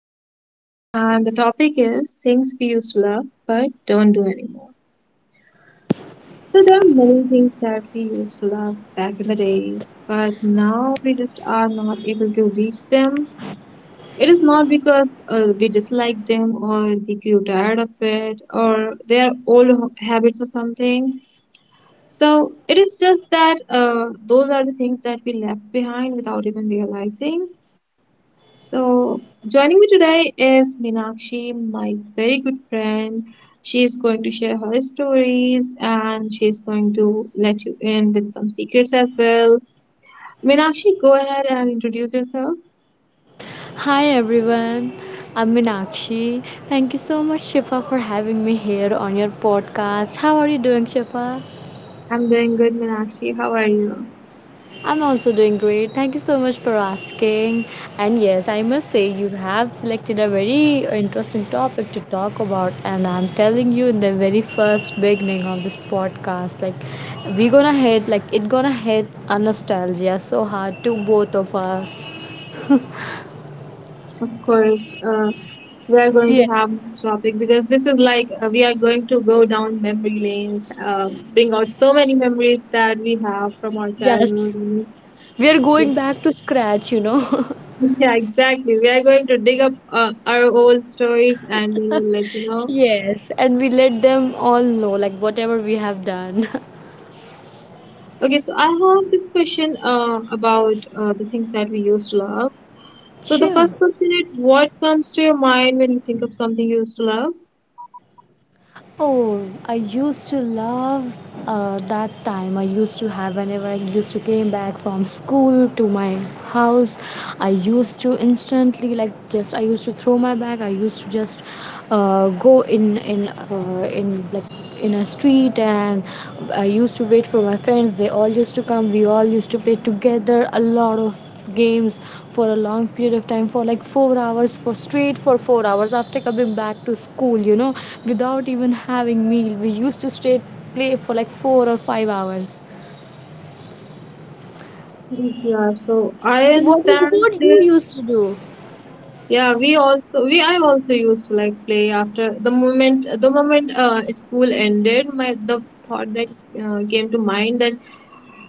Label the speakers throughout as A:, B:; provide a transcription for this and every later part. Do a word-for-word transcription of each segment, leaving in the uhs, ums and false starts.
A: podcast, and the topic is things we used to love but don't do anymore. So there are many things that we used to love back in the days, but now we just are not able to reach them. It is not because uh, we dislike them or we grew tired of it or they are old h- habits or something. So it is just that uh, those are the things that we left behind without even realizing. So, joining me today is Meenakshi, my very good friend. She is going to share her stories and she is going to let you in with some secrets as well. Meenakshi, go ahead and introduce yourself.
B: Hi everyone, I'm Minakshi. Thank you so much, Shifa, for having me here on your podcast. How are you doing, Shifa?
A: I'm doing good, Meenakshi. How are you?
B: I'm also doing great. Thank you so much for asking. And yes, I must say, you have selected a very interesting topic to talk about. And I'm telling you, in the very first beginning of this podcast, like, we're gonna hit, like, it gonna hit a nostalgia so hard to both of us.
A: Of course, uh, we are going to
B: Yeah,
A: have this topic because this is like uh, we are going to go down memory lanes, uh, bring out so many memories that we have from our
B: yes.
A: childhood.
B: We are going back to scratch, you know.
A: Yeah, exactly. We are going to dig up uh, our old stories and we will let you know.
B: Yes, and we let them all know, like whatever we have done.
A: Okay, so I have this question uh, about uh, the things that we used to love. So the
B: Sure.
A: first question is, what comes to your mind when you think of something you used to love?
B: Oh, I used to love uh, that time. I used to have whenever I used to came back from school to my house. I used to instantly like just I used to throw my bag. I used to just uh, go in in uh, in like in a street and I used to wait for my friends. They all used to come. We all used to play together a lot of games for a long period of time for like four hours for straight for four hours after coming back to school, you know, without even having meal. We used to straight play for like four or five hours.
A: Mm, yeah, so I
B: So what is
A: understand
B: what you
A: this.
B: used to do?
A: Yeah, we also we I also used to like play after the moment the moment uh, school ended. My the thought that uh, came to mind that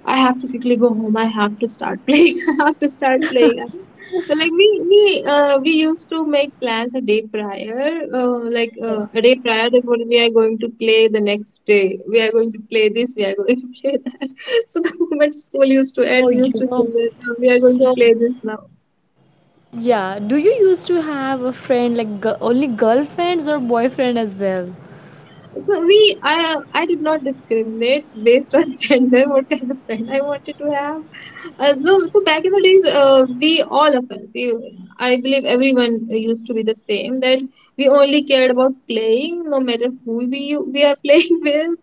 A: I have to quickly go home. I have to start playing. I have to start playing. So, like we we uh, we used to make plans a day prior. Uh, like uh, a day prior that what we are going to play the next day. We are going to play this. We are going to play that. So the moment school used to
B: Oh,
A: end, we used
B: you
A: to
B: know.
A: think that uh, we are going to
B: So
A: play this now.
B: yeah, do you used to have a friend like g- only girlfriends or boyfriend as well?
A: So we, I, I did not discriminate based on gender, what kind of friend I wanted to have. Uh, so, so back in the days, uh, we all of us, you, I believe everyone used to be the same, that we only cared about playing, no matter who we, we are playing with.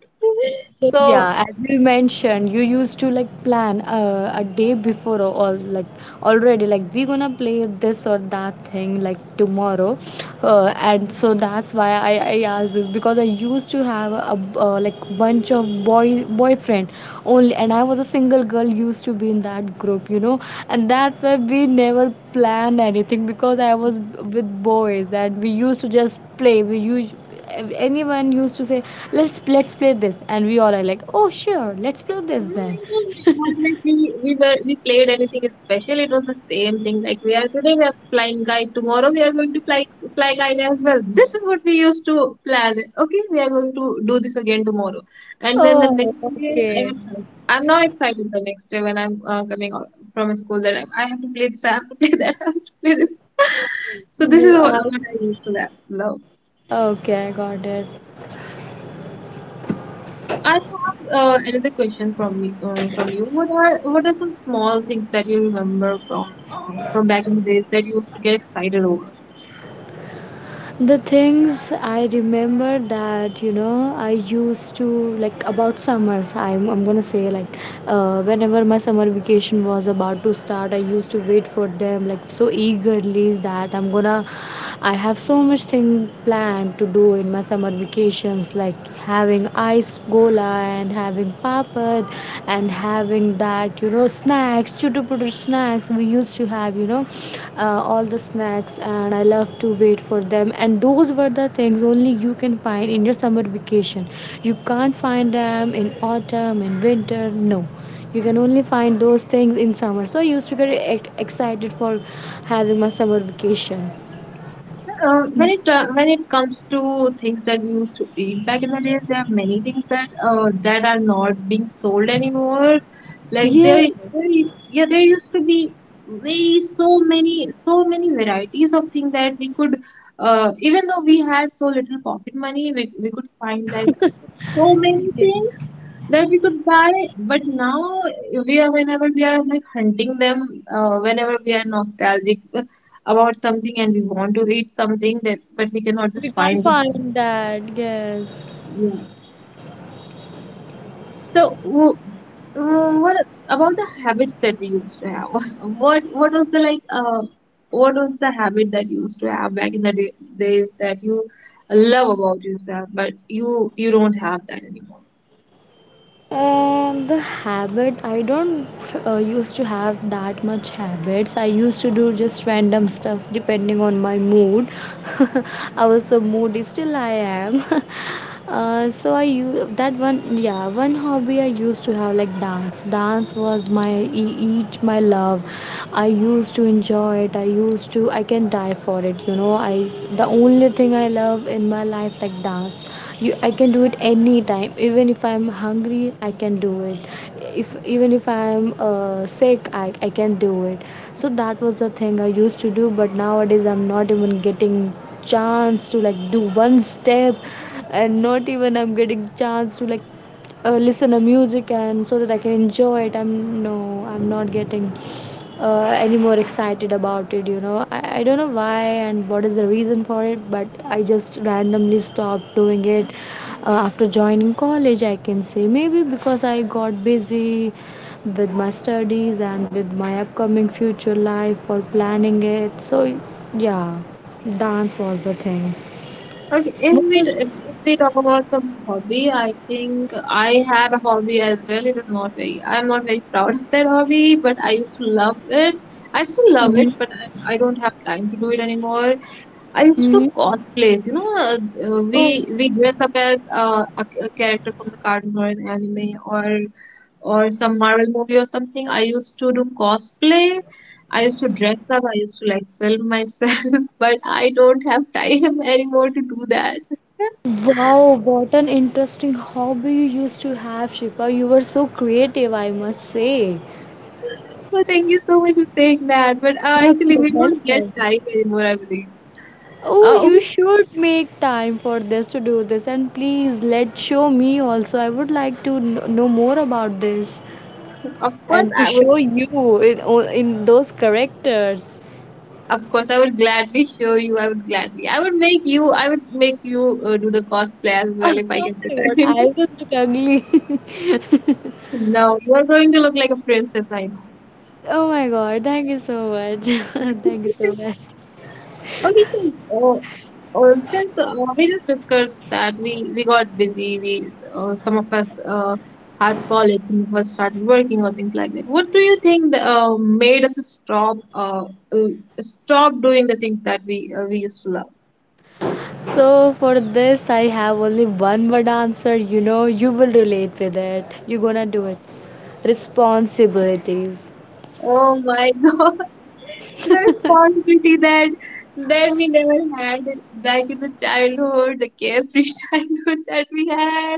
B: So
A: So
B: yeah, as you mentioned, you used to like plan uh, a day before or, or like already like we're gonna play this or that thing like tomorrow, uh, and so that's why I, I asked this because I used to have a, b- uh, like bunch of boy boyfriend only, and I was a single girl used to be in that group, you know, and that's why we never plan anything because I was with boys and we used to just play. We used anyone used to say let's let's play this and we all are like, oh sure, let's play this
A: No,
B: then.
A: it was not like we we were we played anything special. It was the same thing. Like we are today, we are flying guide. Tomorrow we are going to fly fly guide as well. This is what we used to plan. Okay, we are going to do this again tomorrow, and then the
B: Oh,
A: next day I'm
B: okay.
A: excited. I'm not excited the next day when I'm uh, coming out from school that I, I have to play this, I have to play that, I have to play this. So this
B: No,
A: is what,
B: I-
A: what I used to love.
B: okay, I got it.
A: I have uh, another question from me uh, from you. What are what are some small things that you remember from uh, from back in the days that you used to get excited over?
B: The things I remember that you know I used to like about summers i'm, I'm gonna say like uh, whenever my summer vacation was about to start I used to wait for them like so eagerly that i'm gonna I have so much thing planned to do in my summer vacations like have having ice gola and having papad and having that you know snacks, chutu putu snacks we used to have, you know, uh, all the snacks, and I love to wait for them, and those were the things only you can find in your summer vacation. You can't find them in autumn, in winter. No, you can only find those things in summer. So I used to get ex- excited for having my summer vacation.
A: Uh, when it uh, when it comes to things that we used to eat back in the days, there are many things that uh, that are not being sold anymore. Like
B: Yes.
A: there, there, yeah, there used to be very so many so many varieties of things that we could, uh, even though we had so little pocket money, we, we could find like so many
B: Yes,
A: things that we could buy. But now, we are, whenever we are like hunting them, uh, whenever we are nostalgic about something and we want to eat something that but we cannot
B: we
A: just
B: can't
A: find it.
B: find that, yes.
A: Yeah. So w- w- what about the habits that we used to have? what what was the like uh, what was the habit that you used to have back in the day, days that you love about yourself but you you don't have that anymore?
B: And the habit, I don't uh, used to have that much habits. I used to do just random stuff depending on my mood. I was so moody, still I am. Uh, so I u- that one, yeah, one hobby I used to have like dance. Dance was my e- each my love. I used to enjoy it. I used to, I can die for it. You know, I the only only thing I love in my life like dance. You, I can do it anytime. Even if I'm hungry, I can do it. If even if I'm uh, sick, I, I can do it. So that was the thing I used to do. But nowadays, I'm not even getting chance to like do one step, and not even I'm getting chance to like uh, listen to music and so that I can enjoy it. I'm no, I'm not getting uh, any more excited about it. You know, I, I don't know why and what is the reason for it, but I just randomly stopped doing it uh, after joining college, I can say, maybe because I got busy with my studies and with my upcoming future life or planning it, so yeah, dance was the thing.
A: Okay, if
B: What
A: we
B: was…
A: if we talk about some hobby, I think I had a hobby as well. It was not very, I'm not very proud of that hobby, but I used to love it. I still love
B: Mhm.
A: it, but I, I don't have time to do it anymore. I used to
B: Mhm.
A: cosplays, you know, uh, uh, we
B: Oh.
A: we dress up as uh, a, a character from the cartoon or an anime, or or some Marvel movie or something. I used to do cosplay. I used to dress up. I used to like film myself, but I don't have time anymore to do that.
B: Wow, what an interesting hobby you used to have, Shifa. You were so creative, I must say.
A: Well, thank you so much for saying that. But uh,
B: Yep,
A: actually, we
B: well
A: don't get
B: said.
A: time anymore, I believe.
B: Oh,
A: Uh,
B: you
A: oh,
B: should make time for this to do this, and please let show me also. I would like to kn- know more about this
A: of course,
B: and to
A: I,
B: show you in, o- in those characters.
A: Of course, I would gladly show you. I would gladly. I would make you. I would make you uh, do the cosplay as well if I
B: Oh
A: get the
B: my god,
A: time.
B: I will look ugly.
A: No, you are going to look like a princess. I know.
B: Oh my god, thank you so much. Thank you so much.
A: Okay, so uh, uh, since uh, we just discussed that we we got busy, we uh, some of us uh, had college, some of us started working or things like that. What do you think that, uh, made us stop, uh, uh, stop doing the things that we uh, we used to love?
B: So, for this, I have only one word answer. You know, you will relate with it. You're gonna do it. Responsibilities.
A: Oh my God. The responsibility that that we never had back in the childhood, the carefree childhood that we had.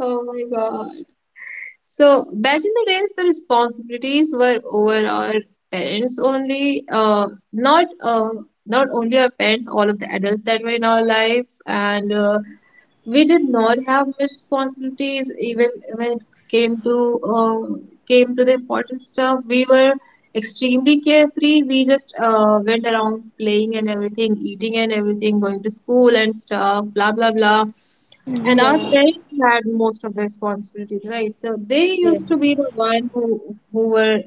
A: Oh my god. So back in the days, the responsibilities were over our parents only. Uh, not uh, not only our parents, all of the adults that were in our lives, and uh, we did not have much responsibilities, even when it came to um, came to the important stuff. We were extremely carefree. We just uh, went around playing and everything, eating and everything, going to school and stuff, blah blah blah. And our
B: Yeah.
A: parents had most of the responsibilities, right? So they used to be
B: Yes.
A: the one who who were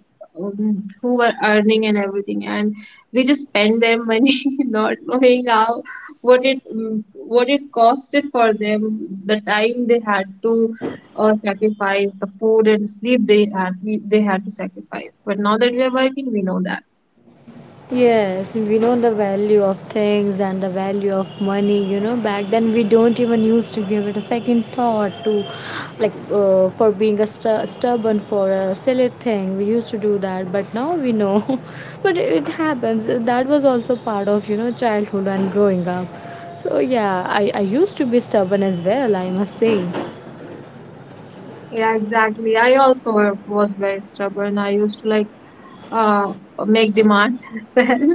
A: um, who were earning and everything, and we just spend their money not knowing how what it, mm, what it costed for them, the time they had to uh, sacrifice, the food and sleep they had we, they had to sacrifice. But now that we are working, we know that.
B: Yes, we know the value of things and the value of money. You know, back then we don't even used to give it a second thought to, like, uh, for being a stu- stubborn for a silly thing. We used to do that, but now we know. But it happens. That was also part of, you know, childhood and growing up. So yeah, I I used to be stubborn as well, I must say.
A: Yeah, exactly, I also was very stubborn. I used to like, uh, make demands as well.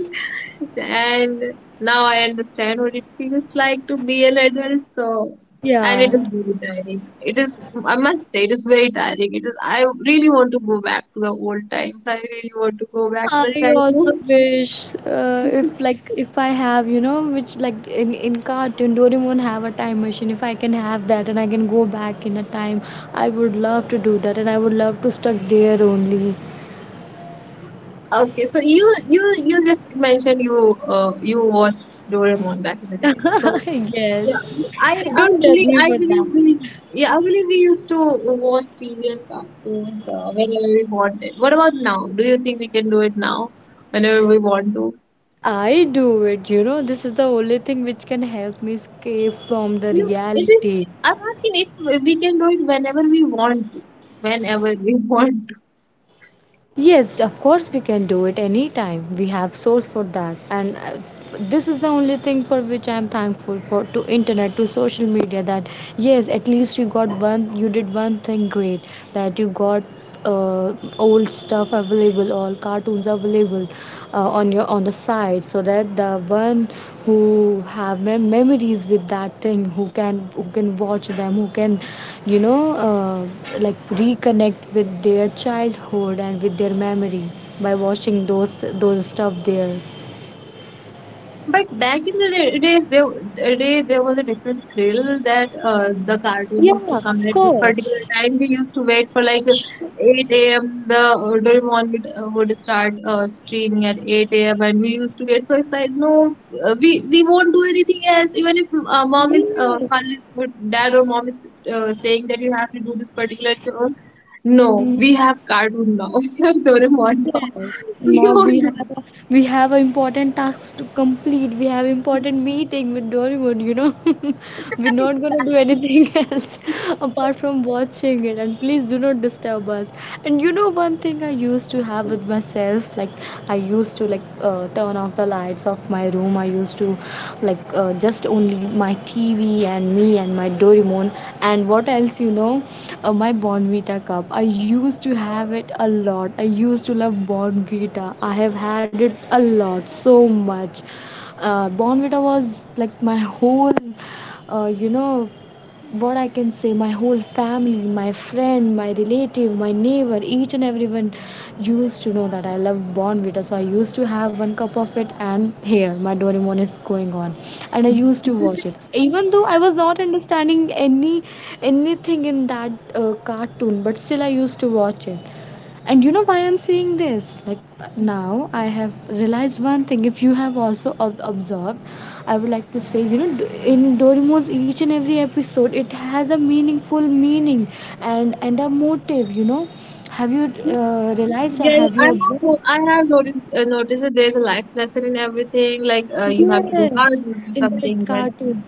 A: And now I understand what it feels like to be an adult. So, and it
B: Yeah.
A: is very tiring. It is, I must say, it is very tiring. It is, I really want to go back to the old times. I really want to go back to
B: I
A: the
B: also
A: childhood.
B: wish uh, if like if I have, you know, which like in in cartoon Doraemon have a time machine, if I can have that and I can go back in a time, I would love to do that and I would love to stuck there only.
A: Okay, so you you you just mentioned you uh, you watched Doraemon back in the days. So,
B: Yes.
A: yeah, I I
B: Don't judge
A: believe
B: me
A: I
B: for
A: believe
B: that.
A: we yeah I believe we used to watch T V and cartoons uh, whenever we wanted. What about now? Do you think we can do it now whenever we want to?
B: I do it, you know. This is the only thing which can help me escape from the
A: No, it
B: reality.
A: is. I'm asking if we can do it whenever we want to, whenever we want.
B: Yes, of course we can do it anytime. We have source for that. And uh, this is the only thing for which I am thankful for to internet, to social media, that yes, at least you got one, you did one thing great, that you got uh, old stuff available, all cartoons available label uh, on your on the side, so that the one who have mem- memories with that thing who can, who can watch them, who can, you know, uh, like reconnect with their childhood and with their memory by watching those those stuff there.
A: But back in the day- days, there the day there was a different thrill that uh, the cartoon
B: Yeah,
A: used to come
B: of
A: at this
B: course.
A: particular time. We used to wait for like eight a m. The uh, Doraemon would, uh, would start uh, streaming at eight a m and we used to get so excited. No, uh, we we won't do anything else. Even if uh, mom is uh,
B: Yes.
A: father is- or dad or mom is uh, saying that you have to do this particular job, no, we have cartoon now. We have Doraemon now.
B: Yes.
A: We
B: Now we
A: won't do it.
B: have a, we have a important task to complete. We have important meeting with Doraemon, you know. We're
A: Exactly.
B: not gonna do anything else apart from watching it. And please do not disturb us. And you know one thing I used to have with myself, like I used to like uh, turn off the lights of my room. I used to like uh, just only my TV and me and my Doraemon. And what else, you know, uh, my Bonvita cup. I used to have it a lot. I used to love Bonvita. I have had it a lot, so much. uh, Bonvita was like my whole, uh, you know, what I can say, my whole family, my friend, my relative, my neighbor, each and everyone used to know that I love Bonvita. So I used to have one cup of it, and here my Doraemon is going on, and I used to watch it. Even though I was not understanding any anything in that uh, cartoon, but still I used to watch it. And you know why I'm saying this? Like now, I have realized one thing. If you have also ob- observed, I would like to say, you know, d- in Doraemon's each and every episode, it has a meaningful meaning and and a motive. You know, have you uh, realized? Or
A: Yeah,
B: have
A: I
B: you
A: have no-
B: observed?
A: I have noticed uh, noticed that there's a life lesson in everything. Like uh, you have to do hard
B: Yes.
A: work or
B: In that
A: something. Like,
B: cartoon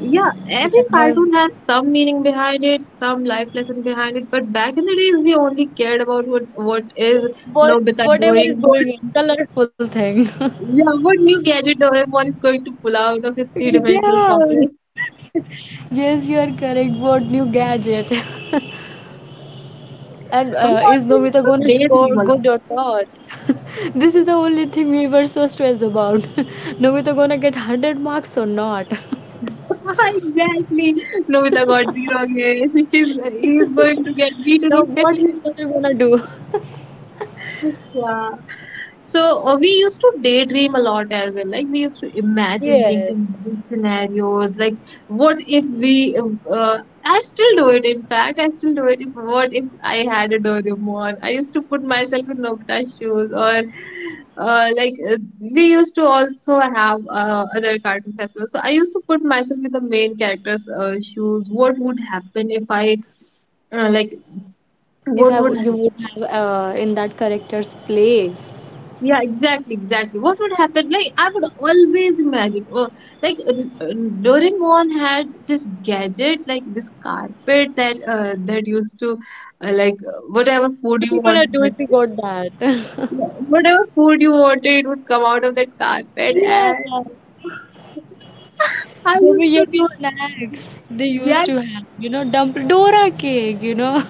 A: yeah,
B: which I
A: every
B: have.
A: cartoon has some meaning behind it, some life lesson behind it. But back in the days, we only cared about what what is
B: What?
A: Nobita
B: Whatever is
A: doing, what,
B: going on, colorful thing.
A: yeah, what new gadget Doraemon is going to pull out of his three dimensional pocket.
B: Yeah. Yes, you are correct. What new gadget? And
A: We
B: uh, is
A: also used
B: Nobita going
A: to
B: to
A: daydream
B: score
A: a lot.
B: good or not? This is the only thing we were so stressed about. Nobita going to get one hundred marks or not?
A: Exactly. Novita got zero again. So She's he's going to get beaten
B: Now
A: again.
B: what his father going to do?
A: Yeah. So uh, we used to daydream a lot as well. Like we used to imagine things,
B: Yeah.
A: imagine scenarios. Like what if we? Uh, I still do it. In fact, I still do it. If What if I had a Doraemon? I used to put myself in Nobita's shoes, or uh, like uh, we used to also have uh, other cartoons as well. So I used to put myself in the main character's uh, shoes. What would happen if I, uh, like?
B: If I
A: What
B: would,
A: would
B: you would have uh, in that character's place.
A: Yeah, exactly, exactly. What would happen? Like, I would always imagine, uh, like, uh, uh, Doraemon had this gadget, like this carpet that uh, that used to, uh, like, uh, whatever food
B: What are you
A: you
B: going to
A: wanted,
B: do
A: that,
B: if you got that?
A: yeah, whatever food you wanted, it would come out of that carpet,
B: Yeah.
A: and I
B: Yummy,
A: used to
B: yummy
A: do it.
B: snacks they used
A: Yes,
B: to have. You know, dump Dora cake, you know.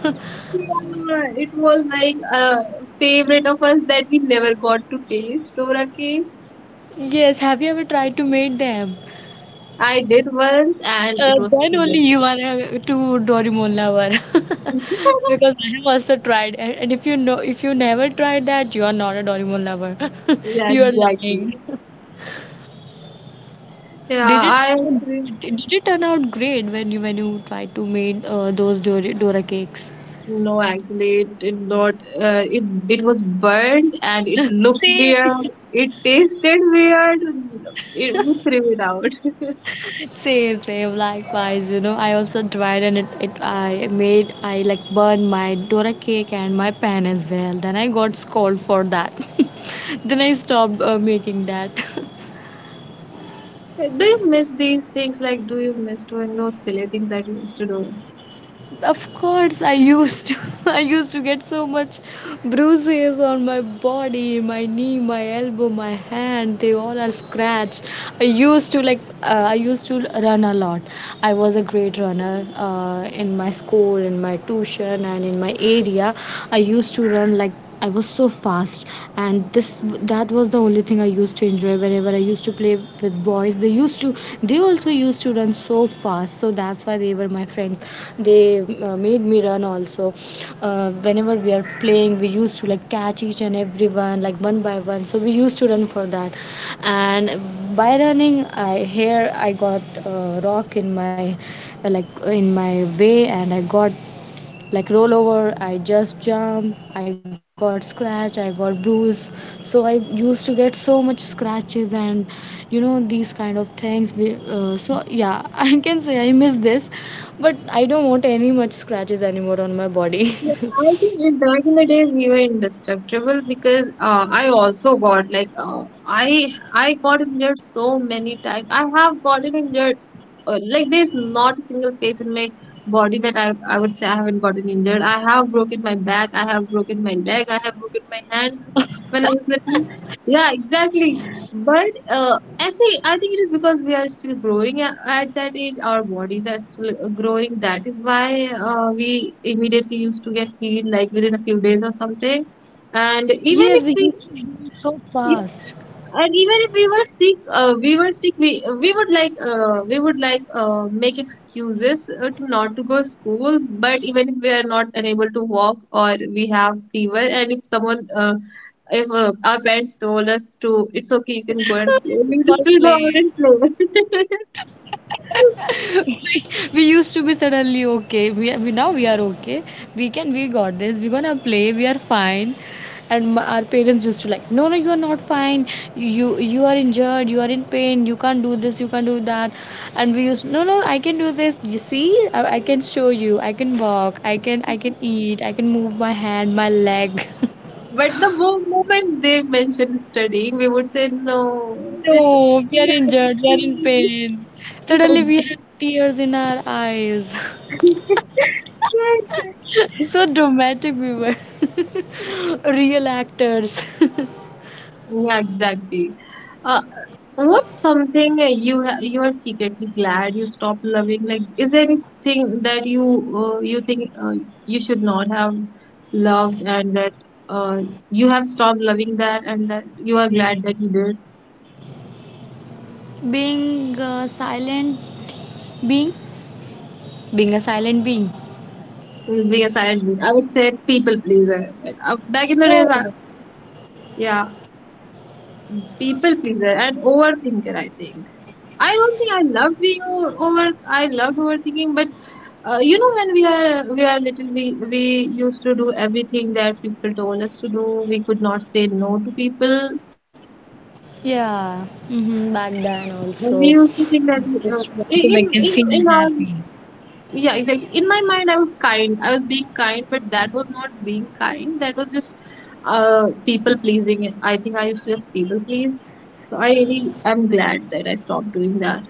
A: yeah, it was like a favorite of us that we never got to taste, Dora cake.
B: Yes, have you ever tried to make them?
A: I did once, and
B: Uh,
A: it was
B: then only
A: terrible.
B: you are a true Doraemon lover. Because I have also tried, and, and if you know, if you never tried that, you are not a Doraemon lover.
A: Yeah,
B: You are
A: exactly.
B: lying.
A: Yeah,
B: Did it…
A: I actually
B: did did it turn out great when you, when you tried to make uh, those Dora, Dora cakes?
A: no, actually it did not. Uh, it it was burnt and it looked
B: Same.
A: weird. It tasted weird. It, we threw it out.
B: Same, same, likewise, you know, I also tried, and it, it, I made, I like burned my Dora cake and my pan as well, then I got scolded for that. Then I stopped uh, making that.
A: Do you miss these things? Like, do you miss doing those silly things that you used to do?
B: Of course, I used to. I used to get so much bruises on my body, my knee, my elbow, my hand. They all are scratched. I used to like. Uh, I used to run a lot. I was a great runner uh, in my school, in my tuition, and in my area. I used to run like I was so fast, and this that was the only thing I used to enjoy. Whenever I used to play with boys, they used to they also used to run so fast. So that's why they were my friends. They uh, made me run also. Uh, whenever we are playing, we used to like catch each and everyone like one by one. So we used to run for that, and by running, I here I got a rock in my uh, like in my way, and I got like rollover. I just jump, I got scratch, I got bruise. So I used to get so much scratches and you know these kind of things we, uh, so yeah, I can say I miss this, but I don't want any much scratches anymore on my body.
A: Yeah, I think in back in the days we were indestructible because uh, I also got like uh, I I got injured so many times. I have gotten injured uh, like there's not a single place in my body that I I would say I haven't gotten injured. I have broken my back. I have broken my leg. I have broken my hand when I was little. Yeah, exactly. But uh, I think I think it is because we are still growing a- at that age. Our bodies are still uh, growing. That is why uh, we immediately used to get healed, like within a few days or something. And
B: yes, we
A: even if
B: used to
A: we
B: run so fast.
A: and even if we were sick uh, we were sick we we would like uh, we would like uh, make excuses uh, to not to go to school, but even if we are not unable to walk or we have fever and if someone uh, if uh, our parents told us to, it's okay, you can go and
B: for
A: play, we would still
B: play.
A: go out and play.
B: we used to be suddenly okay. we, we Now we are okay, we can, we got this, we're gonna play, we are fine. And m- our parents used to like, no no, you are not fine, you you are injured, you are in pain, you can't do this, you can't do that. And we used, no no, I can do this, you see, I, I can show you, I can walk, I can, I can eat, I can move my hand, my leg.
A: But the mo- moment they mentioned studying we would say no. it,
B: no, we
A: we
B: are
A: have
B: injured, we are in pain. Suddenly we had tears in our eyes.
A: Yes, yes.
B: so dramatic we were. Real actors.
A: Yeah, exactly. Uh, what's something uh, you ha you are secretly glad you stopped loving? Like, is there anything that you uh, you think uh, you should not have loved, and that uh, you have stopped loving that, and that you are glad that you did?
B: being uh, silent, being, being a silent being.
A: Mm, because I admit, I would say people pleaser. Uh, Back in the days, I,
B: Oh,
A: yeah, people pleaser and overthinker. I think I don't think I loved being o- over. I loved overthinking, but Uh, you know, when we are we are little, we we used to do everything that people told us to do. We could not say no to people.
B: yeah. Hmm, back then
A: And we
B: also.
A: used to think that we, uh,
B: Just want
A: in
B: to make them
A: in
B: feel
A: in our
B: happy.
A: yeah, exactly. In my mind, I was kind. I was being kind, but that was not being kind. That was just uh people pleasing. I think I used to just people please. So I really am glad that I stopped doing that.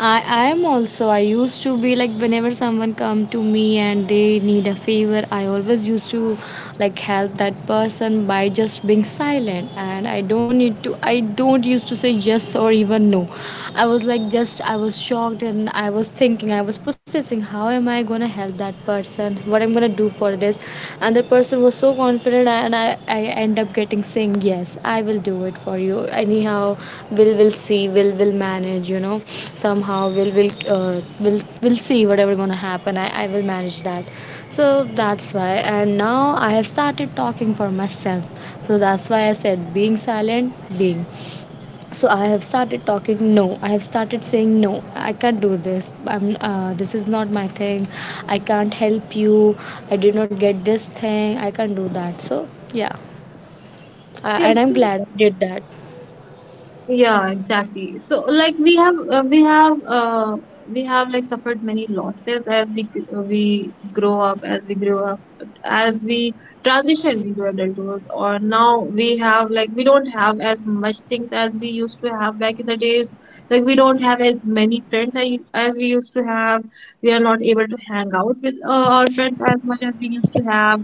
B: I I am also. I used to be like whenever someone come to me and they need a favor, I always used to like help that person by just being silent, and I don't need to I don't used to say yes or even no. I was like just I was shocked, and I was thinking, I was processing, how am I going to help that person? What I'm going to do for this? Yes, and that person was so confident, and i, I end up getting saying yes, I will do it for you anyhow, we'll will see, we'll will manage, you know, somehow we'll will uh, will will see whatever gonna happen. I, I will manage that. So that's why, and now I have started talking for myself. So that's why I said being silent, being. So I have started talking, no, I have started saying no, I can't do this, I'm uh, this is not my thing, I can't help you, I did not get this thing, I can't do that. So yeah, I, and
A: Yes,
B: I'm
A: so
B: glad I did that.
A: yeah, exactly. So, like we have, uh, we have, uh, we have like suffered many losses as we g- uh, we grow up, as we grow up, as we transition into adulthood. Or now we have, like, we don't have as much things as we used to have back in the days. Like we don't have as many friends as as we used to have. We are not able to hang out with uh, our friends as much as we used to have.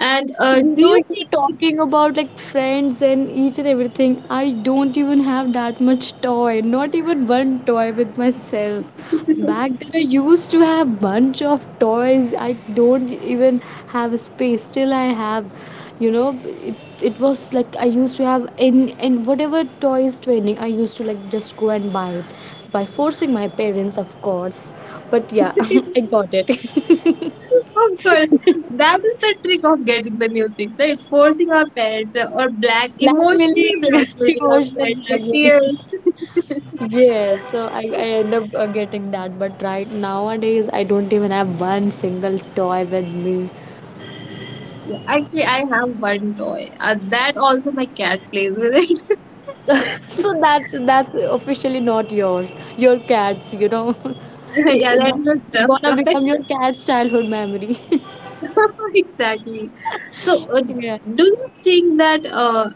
A: And uh,
B: You
A: do
B: know,
A: you
B: you're
A: think
B: talking about like friends and each and everything. I don't even have that much toy, not even one toy with myself.
A: like?
B: Back then, I used to have bunch of toys. I don't even have space. Still, I have. You know, it, it was like I used to have in in whatever toy is trending. I used to like just go and buy it by forcing my parents, of course. But yeah, I got it.
A: Of course, that is the trick of getting the new things, right? Forcing our parents uh, or black emotionally
B: blackmailing,
A: blackmailing our
B: emotional
A: parents, the
B: blackmail.
A: tears.
B: Yes, so I, I end up uh, getting that, but right nowadays I don't even have one single toy with me.
A: Yeah, actually, I have one toy. Uh, that also my cat plays with it.
B: So that's that's officially not yours. Your cat's, you know. It's
A: Yeah, that is
B: not-
A: a
B: It's gonna
A: stuffed toy.
B: become your cat's childhood memory.
A: Exactly. So, uh,
B: Yeah.
A: do you think that uh,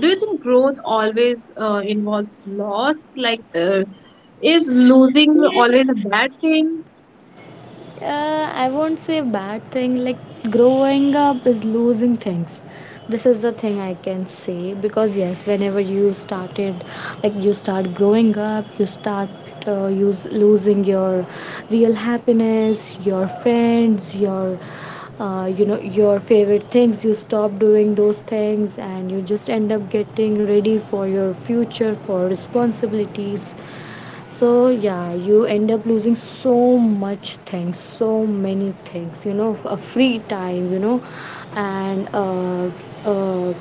A: do you think growth always uh, involves loss? Like, uh, is losing always
B: Yes.
A: a bad thing?
B: Uh, I won't say bad thing. Like growing up is losing things. This is the thing I can say because yes, whenever you started, like you start growing up, you start uh, use losing your real happiness, your friends, your uh, you know your favorite things. You stop doing those things, and you just end up getting ready for your future, for responsibilities, so yeah, you end up losing so much things, so many things. You know, f- a free time. You know, and uh, uh,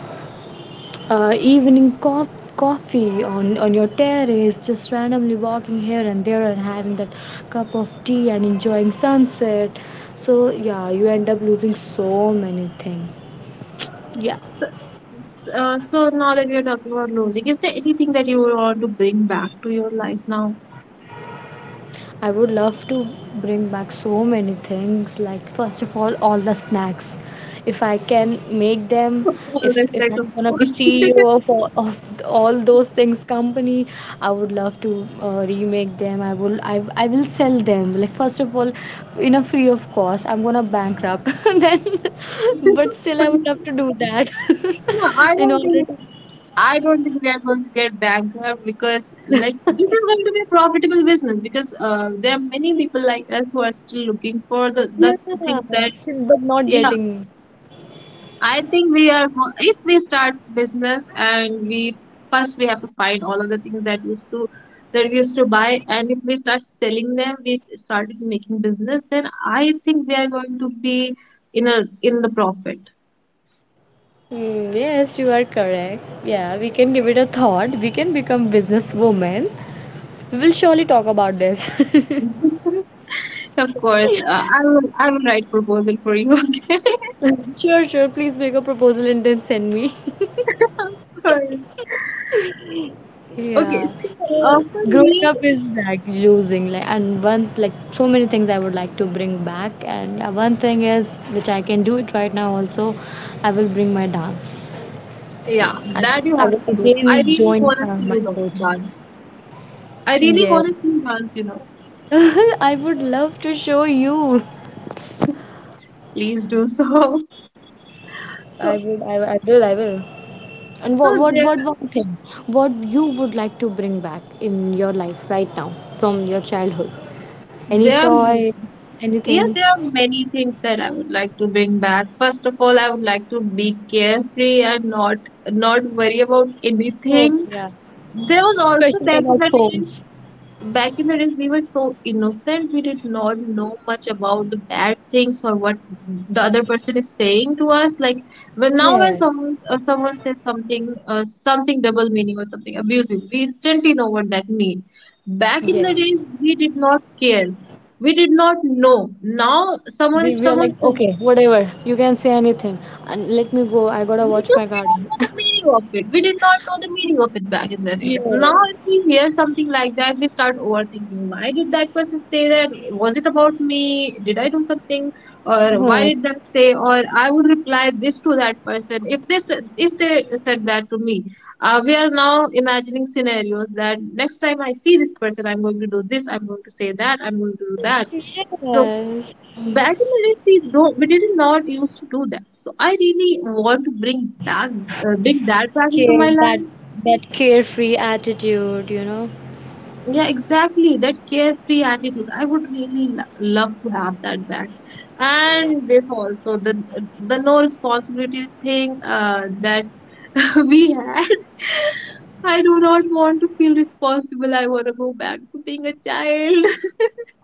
B: uh, evening co- coffee on on your terrace, just randomly walking here and there and having that cup of tea and enjoying sunset. So yeah, you end up losing so many things. Yeah.
A: So, s- uh, so now that we are talking about losing, is there anything that you want to bring back to your life now?
B: I would love to bring back so many things like first of all all the snacks, if I can make them,
A: All
B: if if
A: respect,
B: I'm
A: of
B: gonna be
A: course.
B: C E O of all, of all those things company, I would love to uh, remake them, I will, I, I will sell them, like first of all, in a free of cost, I'm gonna bankrupt, then but still I would love to do that,
A: No, I
B: in
A: don't
B: order
A: think it-
B: to.
A: I don't think we are going to get bankrupt because like this is going to be a profitable business because uh, there are many people like us who are still looking for the the
B: Yeah,
A: things that
B: still but not
A: yeah.
B: getting.
A: I think we are go- if we start business and we first we have to find all of the things that used to that we used to buy, and if we start selling them we s- started making business, then I think we are going to be in a in the profit.
B: Mm, yes, you are correct. Yeah, we can give it a thought. We can become businesswomen. We will surely talk about this.
A: Of course, uh, I will I will write proposal for you. Okay,
B: sure, sure. Please make a proposal and then send me.
A: of course. Okay,
B: yeah.
A: so uh,
B: So
A: for
B: growing
A: me,
B: up is like losing, like, and one like so many things I would like to bring back, and uh, one thing is which I can do it right now. Also, I will bring my dance.
A: yeah,
B: I,
A: that you
B: I will
A: have to do. I
B: again
A: really
B: join
A: want to
B: uh,
A: see
B: my
A: you do-
B: coaching.
A: dance. I really
B: Yes.
A: want to see you dance. You know,
B: I would love to show you.
A: please do so.
B: I
A: So
B: would, I, I will, I will. And
A: So
B: what, what,
A: there,
B: what one thing, what you would like to bring back in your life right now from your childhood? Any
A: there are many,
B: toy,
A: yeah,
B: anything?
A: there are many things that I would like to bring back. First of all, I would like to be carefree and not not worry about
B: Oh
A: anything.
B: yeah,
A: There was also
B: especially
A: back in
B: about
A: the days,
B: phones.
A: back in the days we were so innocent, we did not know much about the bad things or what the other person is saying to us like when now when
B: Yeah.
A: someone uh, someone says something uh, something double meaning or something abusive, we instantly know what that means. Back in the days,
B: Yes.
A: we did not care, we did not know now someone
B: We,
A: if
B: we are
A: someone.
B: like, okay, whatever. You can say anything. And let me go. I gotta watch
A: Because
B: my
A: we don't
B: garden.
A: know the meaning of it. We did not know the meaning of it back in the days. Now, if
B: Yes.
A: we hear something like that, we start overthinking. Why did that person say that? Was it about me? Did I do something? Or why
B: Huh.
A: did that say? Or I would reply this to that person. If this, if they said that to me, uh, we are now imagining scenarios that next time I see this person, I'm going to do this. I'm going to say that. I'm going to do that. So
B: Yes.
A: back in the days we don't we did not used to do that, so I really want to bring back, uh, bring that back into
B: Care,
A: my
B: that
A: life.
B: that carefree attitude, you know.
A: Yeah, exactly, that carefree attitude, I would really lo- love to have that back. And this also the the no responsibility thing uh, that we had. I do not want to feel responsible, I want to go back to being a child.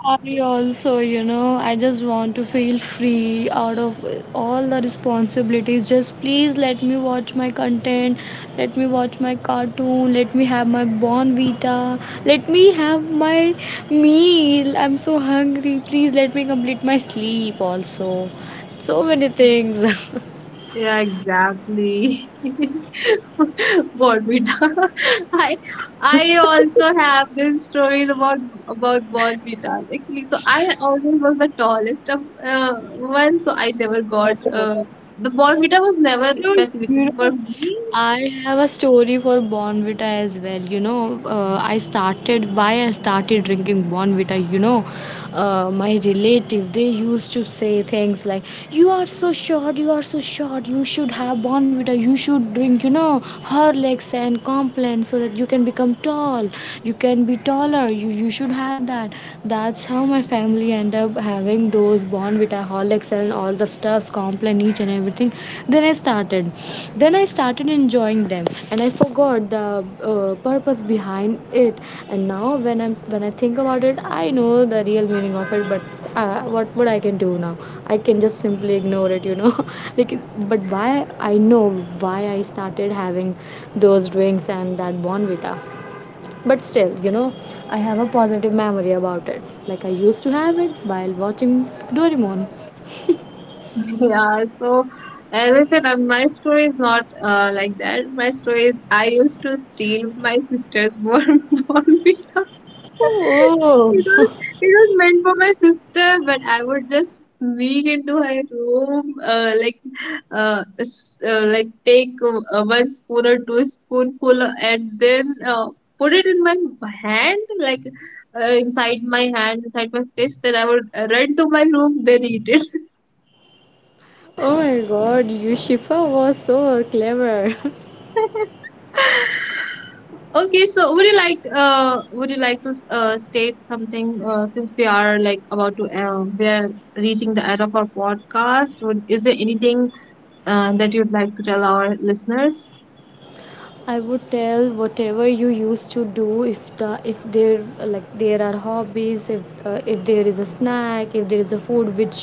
B: I also, you know, I just want to feel free out of all the responsibilities. Just please let me watch my content, let me watch my cartoon, let me have my Bon Vita, let me have my meal. I'm so hungry. Please let me complete my sleep also. So many things.
A: Yeah, exactly. Bonvita. I I also have this stories about about Bonvita. Actually, so I always was the tallest of uh, one, so I never got uh, the Bonvita was never
B: You know, you
A: specifically for
B: know
A: me.
B: I have a story for Bonvita as well. You know, uh, I started why I started drinking Bonvita. You know, uh, my relative they used to say things like, "You are so short, you are so short. You should have Bonvita. You should drink, you know, Horlicks and Complan so that you can become tall. You can be taller. You you should have that." That's how my family end up having those those Bonvita, Horlicks, and all the stuffs, Complan, each and everything. Then I started. Then I started enjoying them, and I forgot the uh, purpose behind it. And now when I when I think about it, I know the real meaning of it. But uh, what what I can do now? I can just simply ignore it, you know. like, but why I know why I started having those drinks and that Bonvita, but still you know I have a positive memory about it, like I used to have it while watching Doraemon.
A: Yeah, so as I said, uh, my story is not uh, like that. My story is I used to steal my sister's Bonvita.
B: Oh.
A: It was it was meant for my sister, but I would just sneak into her room, uh, like, uh, s- uh, like take uh, uh, one spoon or two spoonful, and then uh, put it in my hand, like uh, inside my hand, inside my fist. Then I would uh, run to my room, then eat it.
B: Oh my god, you was so clever.
A: Okay, so would you like uh would you like to uh state something uh since we are like about to uh, we are reaching the end of our podcast? Would Is there anything uh, that you'd like to tell our listeners?
B: I would tell whatever you used to do, if the if there like there are hobbies, if uh, if there is a snack, if there is a food which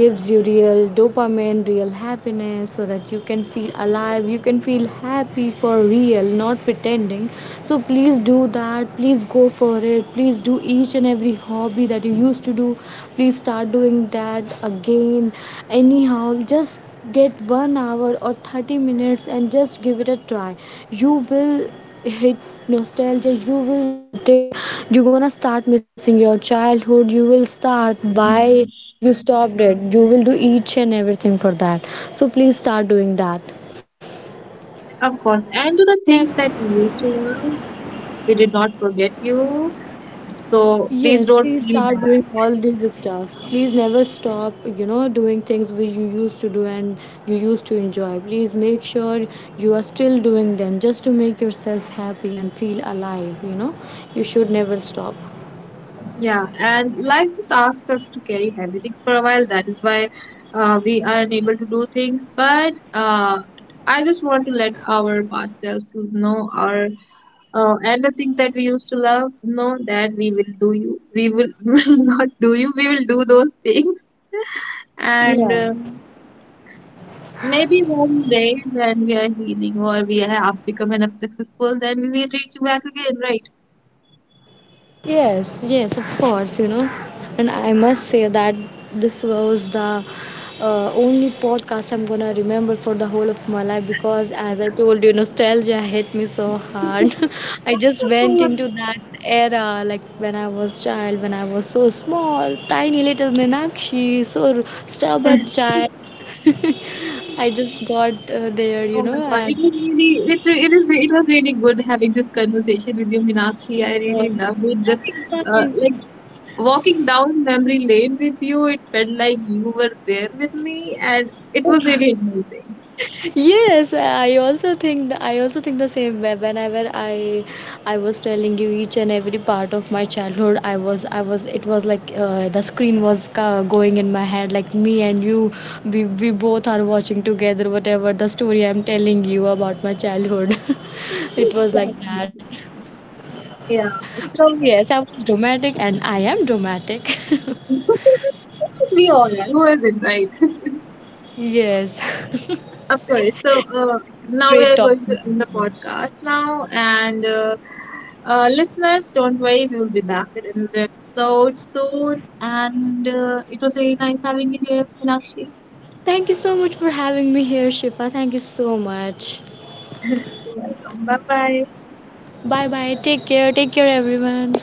B: gives you real dopamine, real happiness, so that you can feel alive, you can feel happy for real, not pretending. So please do that, please go for it, please do each and every hobby that you used to do, please start doing that again, anyhow, just get one hour or thirty minutes and just give it a try. You will hit.
A: Of course. And to the things that we through, we did not forget you. So please
B: Yes,
A: don't
B: please
A: feel
B: start
A: bad.
B: doing all these stuffs. Please never stop, you know, doing things which you used to do and you used to enjoy. Please make sure you are still doing them just to make yourself happy and feel alive, you know. You should never stop.
A: Yeah. And life just asks us to carry heavy things for a while. That is why uh, we are unable to do things. But uh, I just want to let our past selves know our uh, and the things that we used to love know that we will do you. We will not do you. We will do those things.
B: Yeah.
A: And um maybe one day when we are healing or we have become enough successful, then we will reach back again, right?
B: Yes, yes, of course, you know. And I must say that this was the uh, only podcast I'm gonna remember for the whole of my life because, as I told you, nostalgia hit me so hard. I just went into that era, like when I was child, when I was so small, tiny little Minakshi, so stubborn child. I just got uh, there,
A: Oh
B: you
A: my
B: know,
A: God, it
B: and.
A: was really it it is it was really good having this conversation with you, Meenakshi. I really
B: Uh,
A: loved it. The, uh,
B: exactly.
A: like walking down memory lane with you, it felt like you were there with me, and it was really amazing.
B: Yes, I also think the, I also think the same. whe- Whenever I I was telling you each and every part of my childhood, I was I was it was like uh, the screen was ca- going in my head. Like me and you, we we both are watching together whatever the story I'm telling you about my childhood. it was like that.
A: Exactly. Yeah. So
B: Yes, I was dramatic, and I am dramatic.
A: we all are. Who isn't, right?
B: yes,
A: Of course. So uh, now we
B: great
A: are going
B: talking.
A: to end the podcast now, and uh, uh, listeners, don't worry, we will be back with another episode soon. And uh, it was really nice having you here, Meenakshi.
B: Thank you so much for having me here, Shifa. Thank you so much.
A: You're welcome. Bye bye.
B: Bye bye. Take care. Take care, everyone.